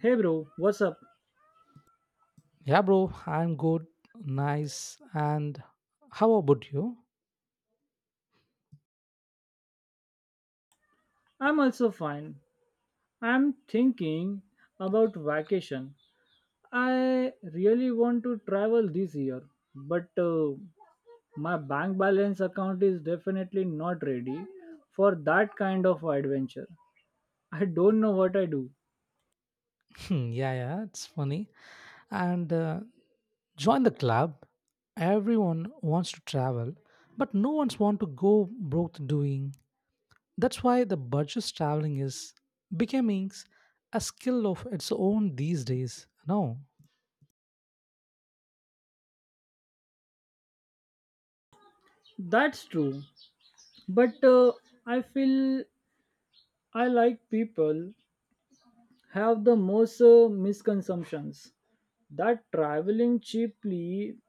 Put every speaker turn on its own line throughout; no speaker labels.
Hey bro, what's up?
Yeah, bro, I'm good, nice. And how about you?
I'm also fine. I'm thinking about vacation. I really want to travel this year, but my bank balance account is definitely not ready for that kind of adventure. I don't know what I do.
Yeah, yeah, it's funny. And Join the club. Everyone wants to travel, but no one's want to go broke doing. That's why the budget traveling is becoming a skill of its own these days. No,
That's true, but I feel I like people have the most misconceptions that traveling cheaply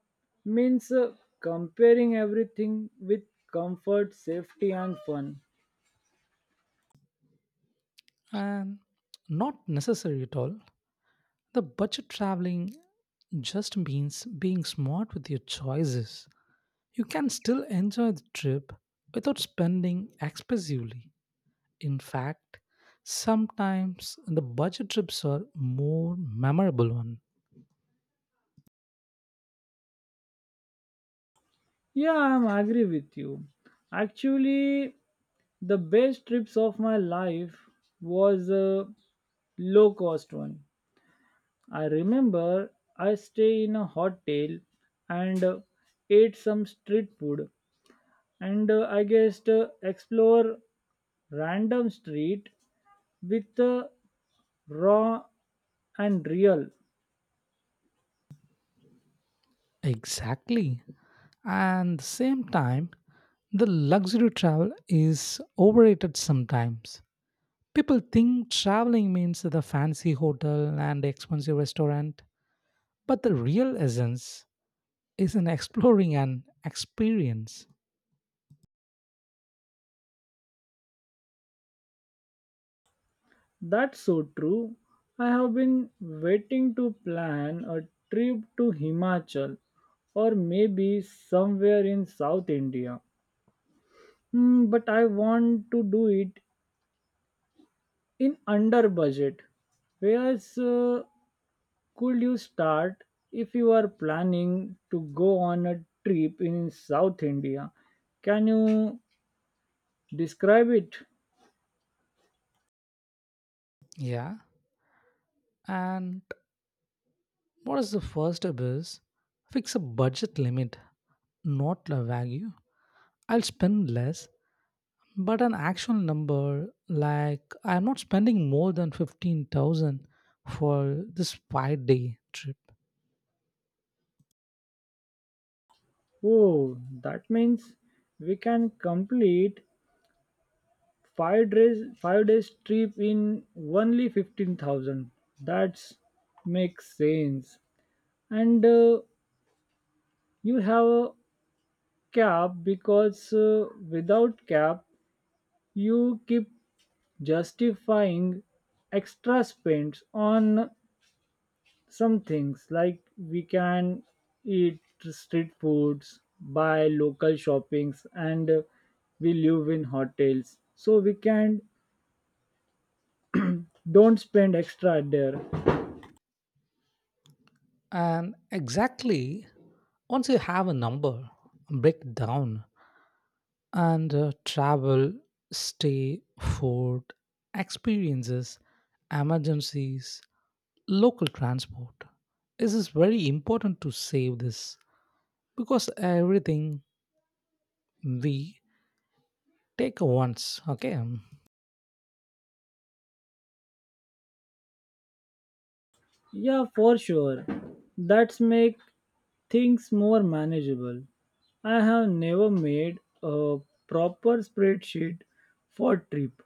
means comparing everything with comfort, safety, and fun.
and not necessary at all. The budget traveling just means being smart with your choices. You can still enjoy the trip without spending expensively. In fact, sometimes the budget trips are more memorable one.
Yeah, I'm agree with you. Actually, the best trips of my life was a low cost one. I remember I stay in a hotel and ate some street food and explore random street with raw and real.
Exactly. And the same time, the luxury travel is overrated sometimes. People think traveling means the fancy hotel and expensive restaurant, but the real essence is in exploring an experience.
That's so true. I have been waiting to plan a trip to Himachal or maybe somewhere in South India. Hmm, but I want to do it in under budget. Where else could you start if you are planning to go on a trip in South India? Can you describe it?
Yeah. And what is the first step is fix a budget limit, not a value. I'll spend less, but an actual number like I'm not spending more than 15,000 for this 5 day trip.
Oh, that means we can complete 5 days trip in only 15,000. That's makes sense and you have a cap because without cap you keep justifying extra spends on some things like we can eat street foods, buy local shoppings, and we live in hotels so we can don't spend extra there.
And exactly once you have a number, break it down and travel, stay, food, experiences, emergencies, local transport. This is very important to save this because everything we take once, okay?
Yeah, for sure. That's make things more manageable. I have never made a proper spreadsheet for trip,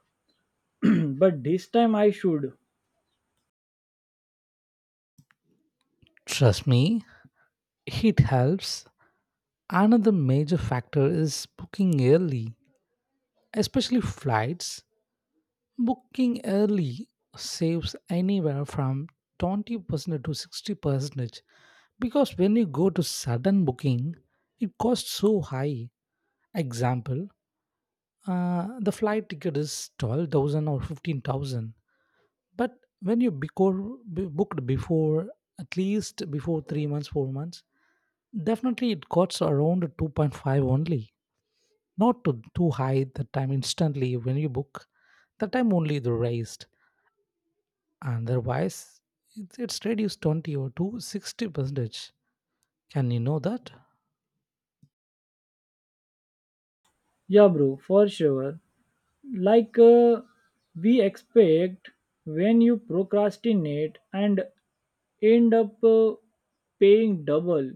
but this time I should.
Trust me, it helps. Another major factor is booking early, especially flights. Booking early saves anywhere from 20% to 60%, because when you go to sudden booking it costs so high. Example, the flight ticket is 12,000 or 15,000, but when you before, booked before at least before 3 months 4 months, definitely it costs around 2.5 only, not to too high the time instantly when you book, the time only the raised. Otherwise it's reduced 20 or to 60 percentage, can you know that?
Yeah, bro, for sure. Like we expect when you procrastinate and end up paying double.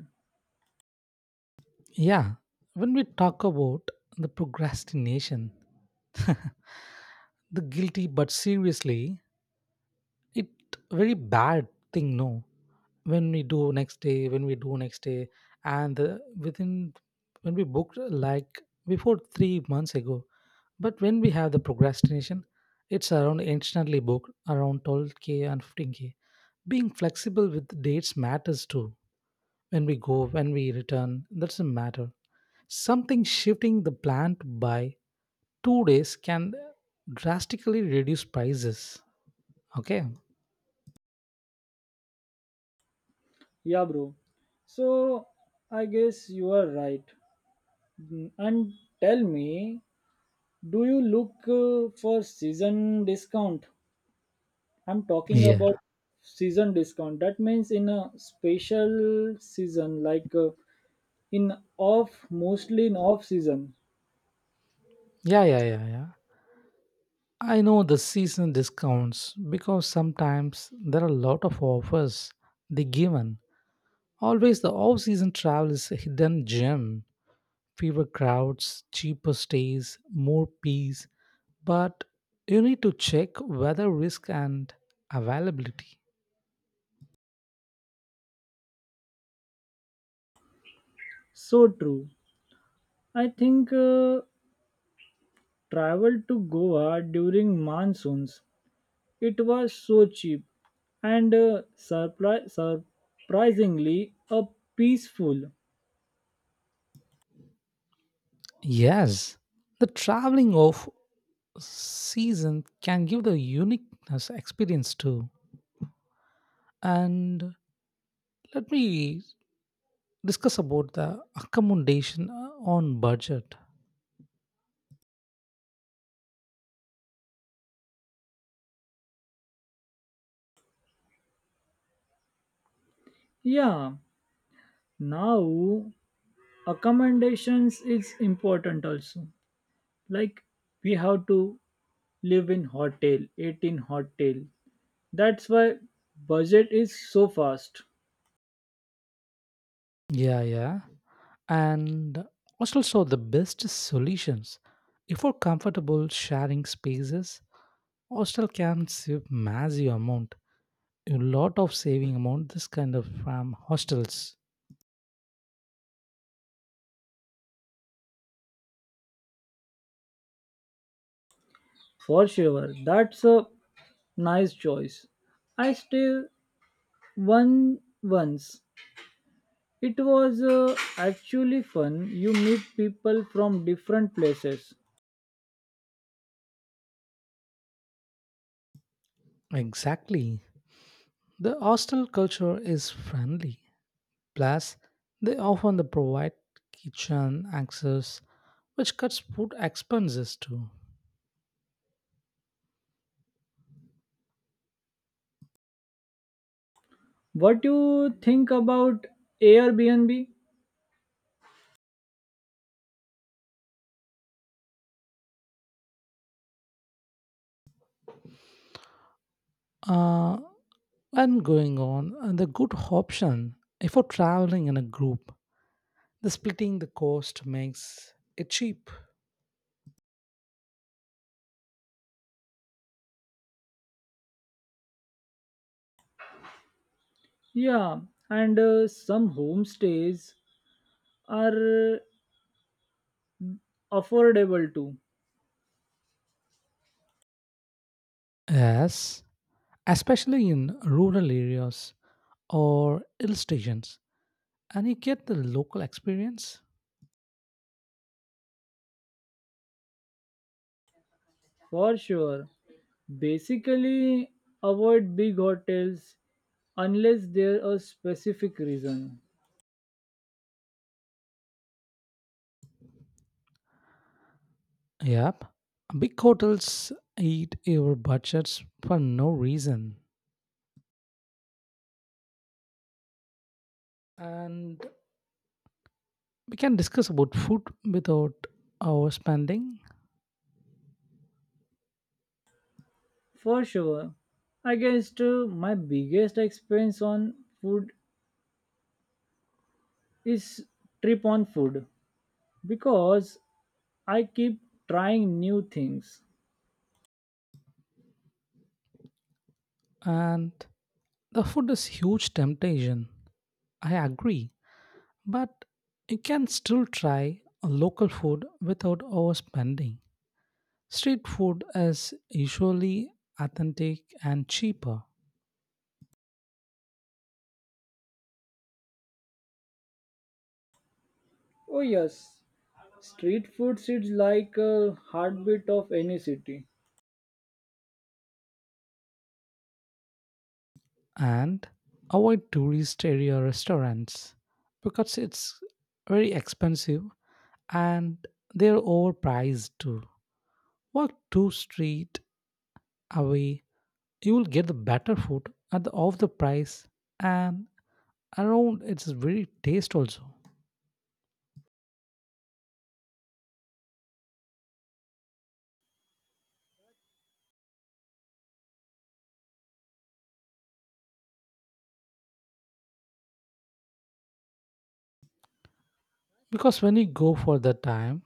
Yeah, when we talk about the procrastination, the guilty, but seriously, it very bad thing. No, when we do next day, when we do next day, and within when we booked like before 3 months ago, but when we have the procrastination, it's around instantly booked around 12k and 15k. Being flexible with dates matters too. When we go, when we return, that's a matter. Something shifting the plan to buy 2 days can drastically reduce prices. Okay.
Yeah, bro. So I guess you are right. Mm, and tell me, do you look for season discount? I'm talking
Yeah.
about season discount. That means in a special season, like in off, mostly in off season.
Yeah, yeah, yeah, yeah. I know the season discounts because sometimes there are a lot of offers they given. Always the off-season travel is a hidden gem. Fewer crowds, cheaper stays, more peace. But you need to check weather risk and availability.
So true. I think travel to Goa during monsoons. It was so cheap and surprisingly peaceful.
Yes, the traveling of season can give the uniqueness experience too. And let me discuss about the accommodation on budget.
Yeah. Now accommodations is important also. Like we have to live in hotel, eat in hotel, that's why budget is so fast.
Yeah, yeah. And hostels are the best solutions. If for comfortable sharing spaces, hostel can save massive amount, a lot of saving amount. This kind of from hostels.
For sure, that's a nice choice. I stay one once it was actually fun, you meet people from different places.
Exactly. The hostel culture is friendly. Plus, they often they provide kitchen access, which cuts food expenses too.
What you think about Airbnb?
Uh, and going on, the good option if you're traveling in a group, the splitting the cost makes it cheap.
Yeah, and some homestays are affordable too.
Yes, especially in rural areas or hill stations, and you get the local experience.
For sure. Basically, avoid big hotels unless there are specific reason.
Yep, big hotels eat your budgets for no reason. And we can discuss about food without overspending,
For sure, I guess my biggest expense on food is trip on food because I keep trying new things.
and the food is huge temptation. I agree, but you can still try a local food without overspending. Street food is usually authentic and cheaper,
Oh yes, street food is like a heartbeat of any city.
and avoid tourist area restaurants because it's very expensive, and they're overpriced too. Walk two street away, you will get the better food at the of the price, and around its very taste also, because when you go for that time,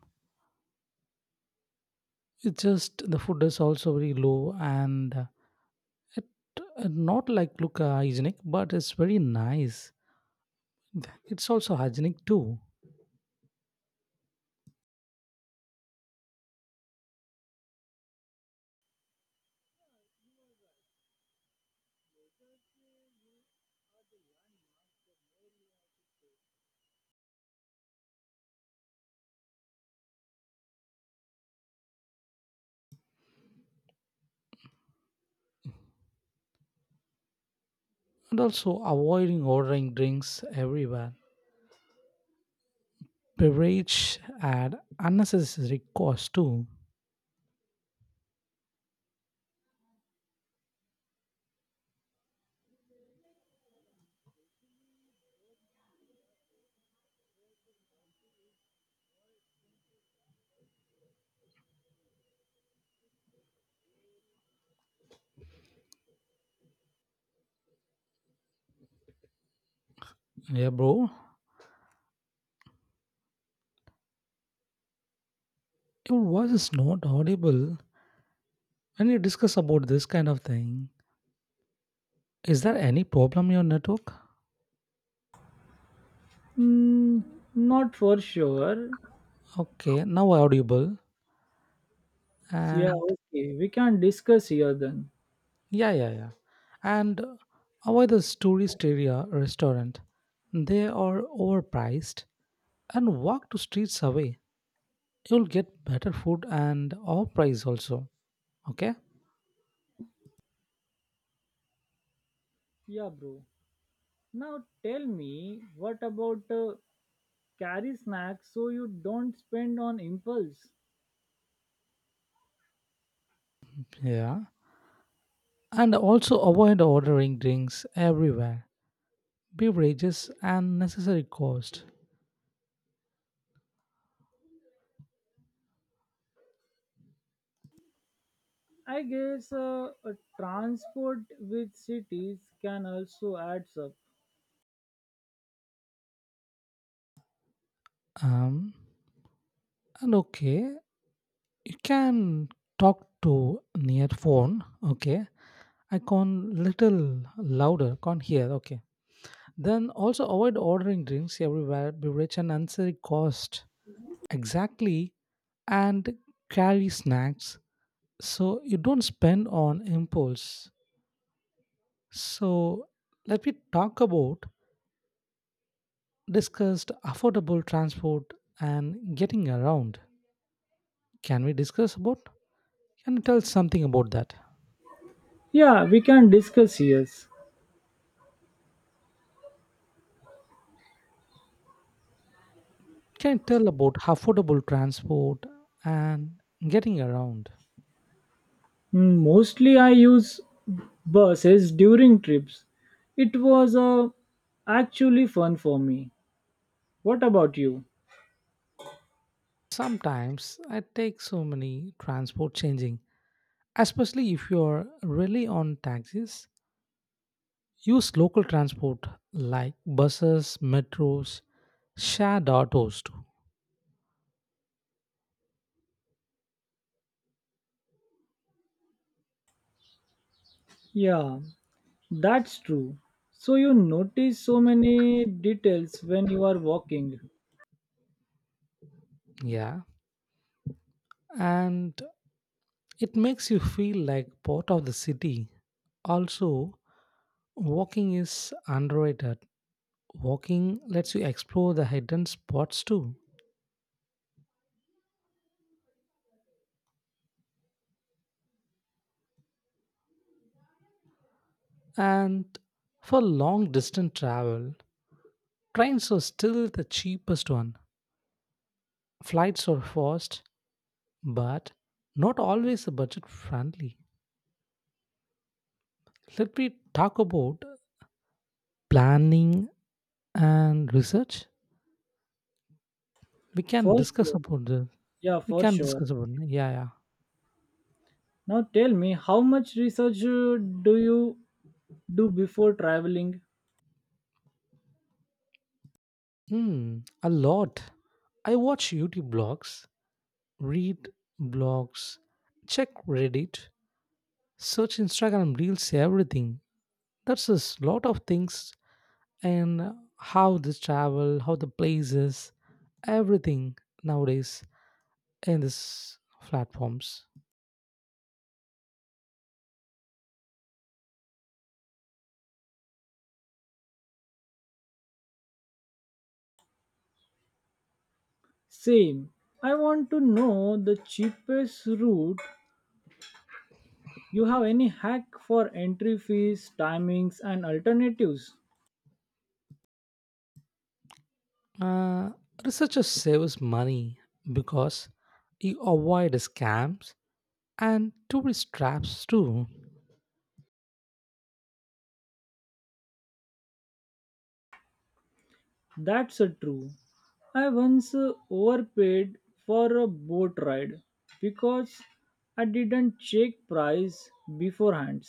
it's just the food is also very low, and it, not like look hygienic, but it's very nice, it's also hygienic too. And also avoiding ordering drinks everywhere, beverage add unnecessary cost too. Yeah, bro, your voice is not audible when you discuss about this kind of thing. Is there any problem in your network?
Mm, not for sure.
Okay, now audible.
Yeah,
And
okay. We can discuss here then.
yeah, yeah, yeah. And avoid the tourist area restaurant. They are overpriced. And walk to streets away. You'll get better food and off price also. Okay?
Yeah, bro. Now tell me, what about carry snacks so you don't spend on impulse?
Yeah. And also avoid ordering drinks everywhere. Beverages and necessary cost.
I guess a transport with cities can also add up.
Um and okay, you can talk to near phone, okay? I can little louder, can't hear. Okay. Then also avoid ordering drinks everywhere, beverage and unnecessary cost. Exactly. And carry snacks so you don't spend on impulse. So let me talk about discussed affordable transport and getting around. Can we discuss about? Can you tell something about that?
Yeah, we can discuss, yes.
Can you tell about affordable transport and getting around?
Mm, mostly I use buses during trips. It was actually fun for me. What about you?
Sometimes I take so many transport changing, especially if you're really on taxis. Use local transport like buses, metros, shared autos too.
Yeah, that's true. So you notice so many details when you are walking.
Yeah, and it makes you feel like part of the city. Also, walking is underrated. Walking lets you explore the hidden spots too. And for long distance travel, trains are still the cheapest one. Flights are fast, but not always budget friendly. Let me talk about planning and research. We can
First,
discuss about the.
yeah,
We
for
can
sure.
discuss about, yeah, yeah.
Now tell me, how much research do you do before traveling?
Hmm, a lot. I watch YouTube blogs, read blogs, check Reddit, search Instagram reels, everything. That's a lot of things, and how this travel, how the places, everything nowadays, in these platforms.
Same. I want to know the cheapest route. You have any hack for entry fees, timings, and alternatives?
Uh, Researchers saves money because you avoid scams and tourist traps too.
That's a true. I once overpaid for a boat ride because I didn't check price beforehand.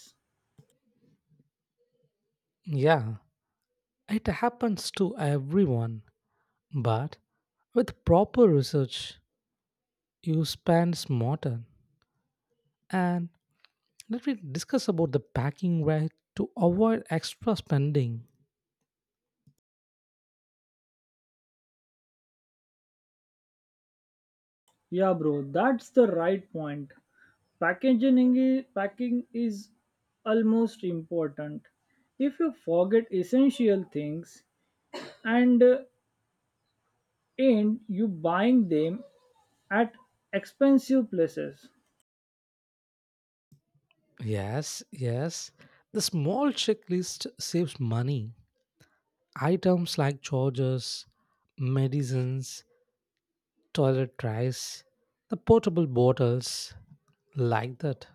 Yeah, it happens to everyone, but with proper research, you spend smarter. And let me discuss about the packing right to avoid extra spending.
Yeah, bro, that's the right point. Packing is almost important if you forget essential things and end you buying them at expensive places.
Yes, yes, the small checklist saves money. Items like chargers, medicines, toilet trays, the portable bottles, like that.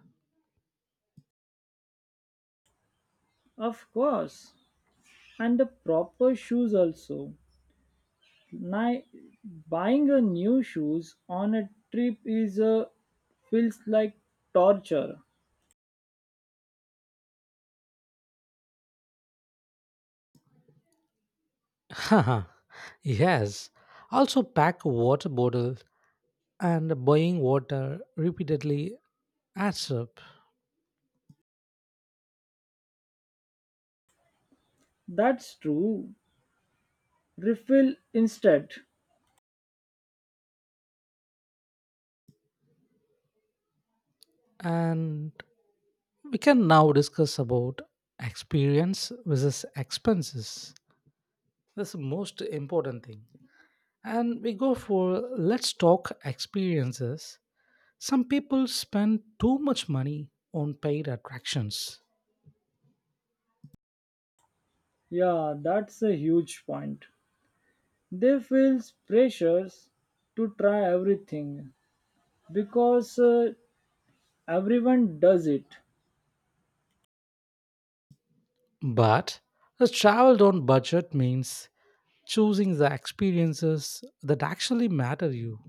Of course, and the proper shoes also. Ni- Buying a new shoes on a trip is a feels like torture.
Haha, yes. Also, pack a water bottle, and buying water repeatedly adds up.
That's true. Refill instead.
And we can now discuss about experience versus expenses. That's the most important thing. And we go for let's talk experiences. Some people spend too much money on paid attractions.
Yeah, that's a huge point. They feel pressures to try everything because everyone does it.
But a travel on budget means choosing the experiences that actually matter you.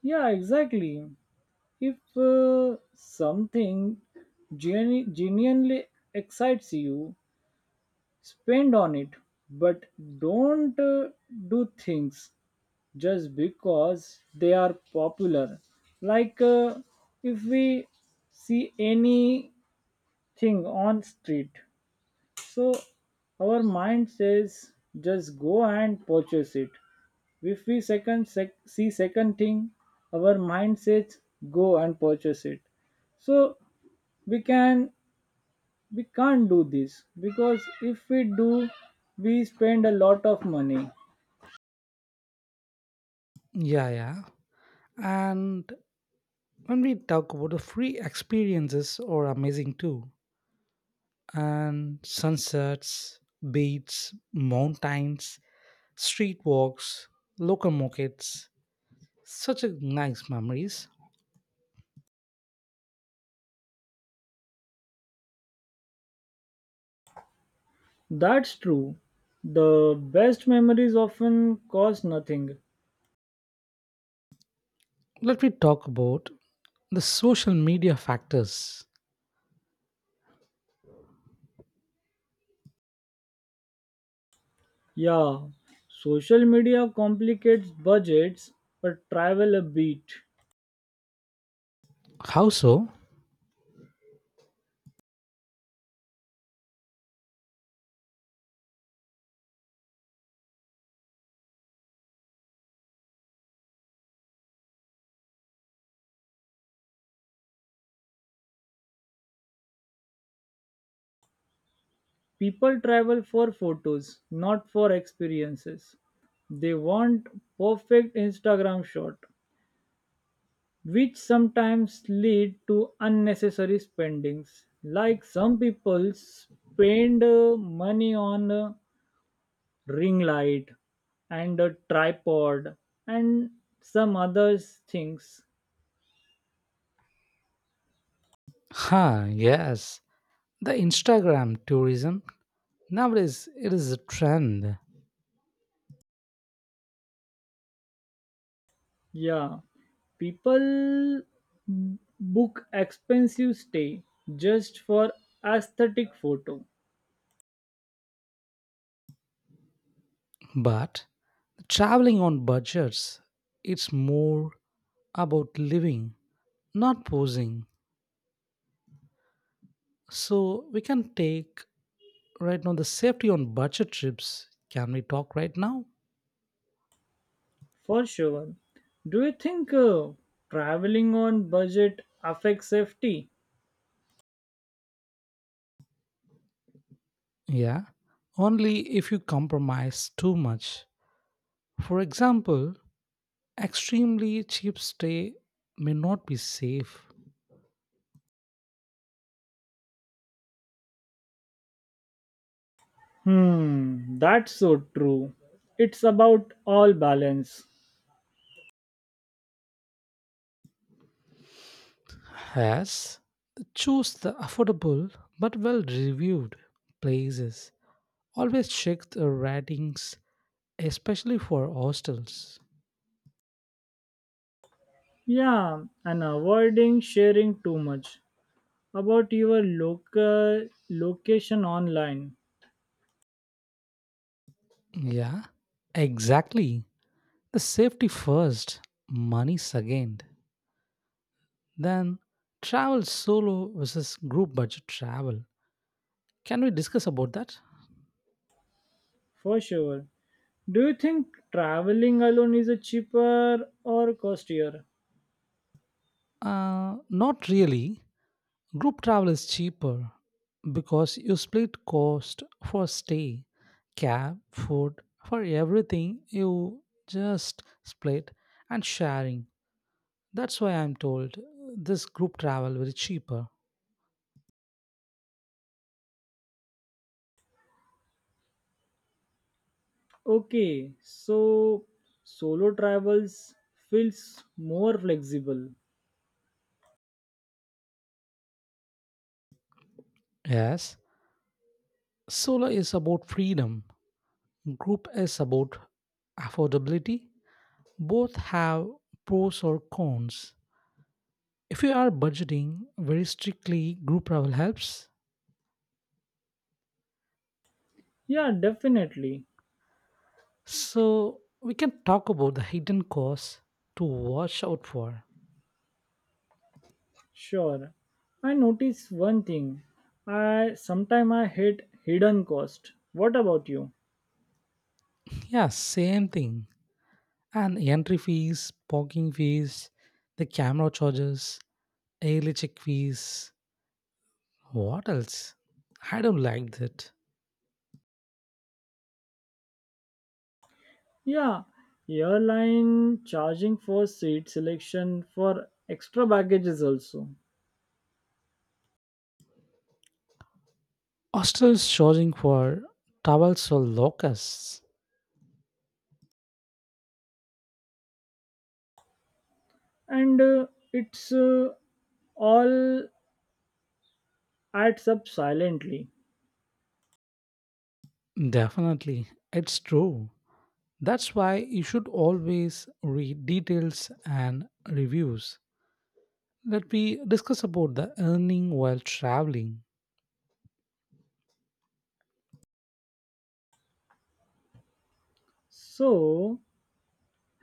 Yeah, exactly. If something genuinely excites you, spend on it, but don't do things just because they are popular. Like if we see anything on street, so our mind says just go and purchase it. If we see second thing, our mind says go and purchase it. So we can we can't do this because if we do, we spend a lot of money.
Yeah, yeah. And when we talk about the free experiences are amazing too. And sunsets, beaches, mountains, street walks, local markets, such a nice memories.
That's true. The best memories often cost nothing.
Let me talk about the social media factors.
Yeah, social media complicates budgets but travel a bit.
How so?
People travel for photos, not for experiences. They want perfect Instagram shot, which sometimes lead to unnecessary spendings. Like some people spend money on a ring light and a tripod and some other things.
Ha, yes. The Instagram tourism nowadays it is a trend,
Yeah, people book expensive stay just for aesthetic photo.
but traveling on budgets it's more about living, not posing. So we can take right now the safety on budget trips. Can we talk right now?
For sure. Do you think traveling on budget affects safety?
Yeah. Only if you compromise too much. For example, extremely cheap stay may not be safe.
Hmm, that's so true. It's about all balance.
Yes. Choose the affordable but well reviewed places. Always check the ratings, especially for hostels.
Yeah, and avoiding sharing too much about your local location online.
Yeah, exactly. The safety first, money second. Then travel solo versus group budget travel. Can we discuss about that?
For sure. Do you think traveling alone is a cheaper or costlier?
Not really. Group travel is cheaper because you split cost for stay, cab, food, for everything you just split and sharing. That's why I'm told this group travel will be cheaper.
Okay, so solo travels feels more flexible.
Yes, solo is about freedom, group is about affordability. Both have pros or cons. If you are budgeting very strictly, group travel helps.
Yeah, definitely.
So we can talk about the hidden costs to watch out for.
Sure. I notice one thing. I sometime I hate hidden cost. What about you?
Yeah, same thing. And entry fees, parking fees, the camera charges, early check fees. What else? I don't like that.
Yeah, airline charging for seat selection for extra baggages also.
Hostels charging for towels or locusts.
And it's all adds up silently.
Definitely, it's true. That's why you should always read details and reviews. Let me discuss about the earning while traveling.
So,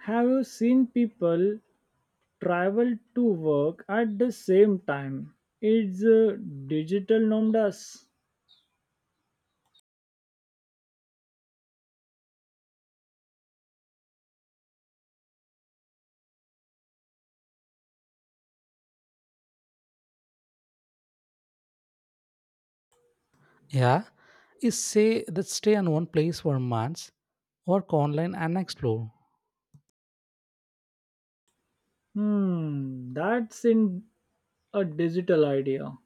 have you seen people travel to work at the same time? It's digital norm does.
Yeah, is say that stay in one place for months, work online and explore.
Hmm, that's in a digital idea.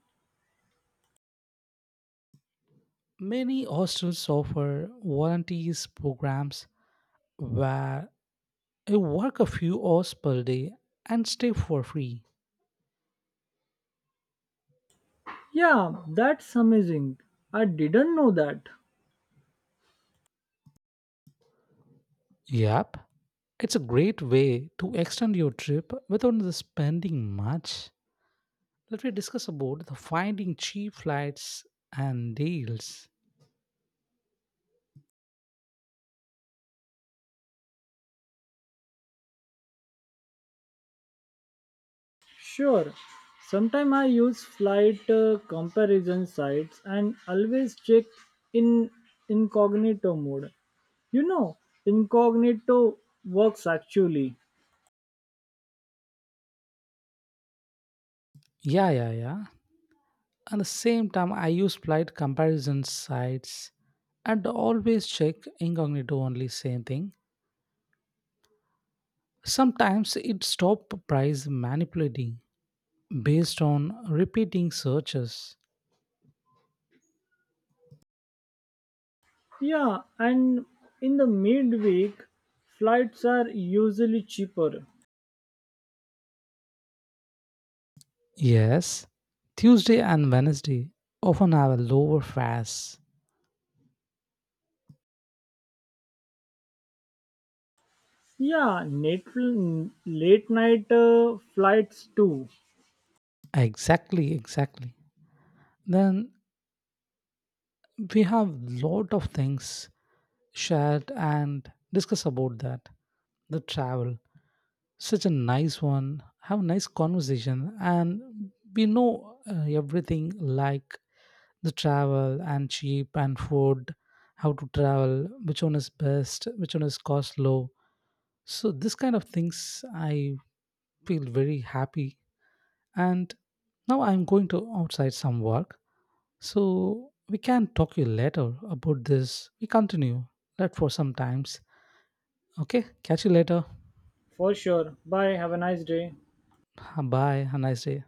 Many hostels offer volunteers programs where you work a few hours per day and stay for free.
Yeah, that's amazing. I didn't know that.
Yep, it's a great way to extend your trip without the spending much. Let me discuss about the finding cheap flights and deals.
Sure. Sometimes I use flight comparison sites and always check in incognito mode. You know, incognito works actually.
Yeah, yeah, yeah. At the same time, I use flight comparison sites and always check incognito only same thing. Sometimes it stop price manipulating based on repeating searches.
Yeah, and in the midweek, flights are usually cheaper.
Yes, Tuesday and Wednesday often have a lower fares.
Yeah, net, late night flights too.
Exactly, exactly. Then we have lot of things shared and discuss about that. The travel, such a nice one, have a nice conversation, and we know everything like the travel and cheap and food, how to travel, which one is best, which one is cost low. So this kind of things I feel very happy, and now I'm going to outside some work, so we can talk you later about this, we continue that for some times. Okay, catch you later.
For sure. Bye. Have a nice day.
Bye, have a nice day.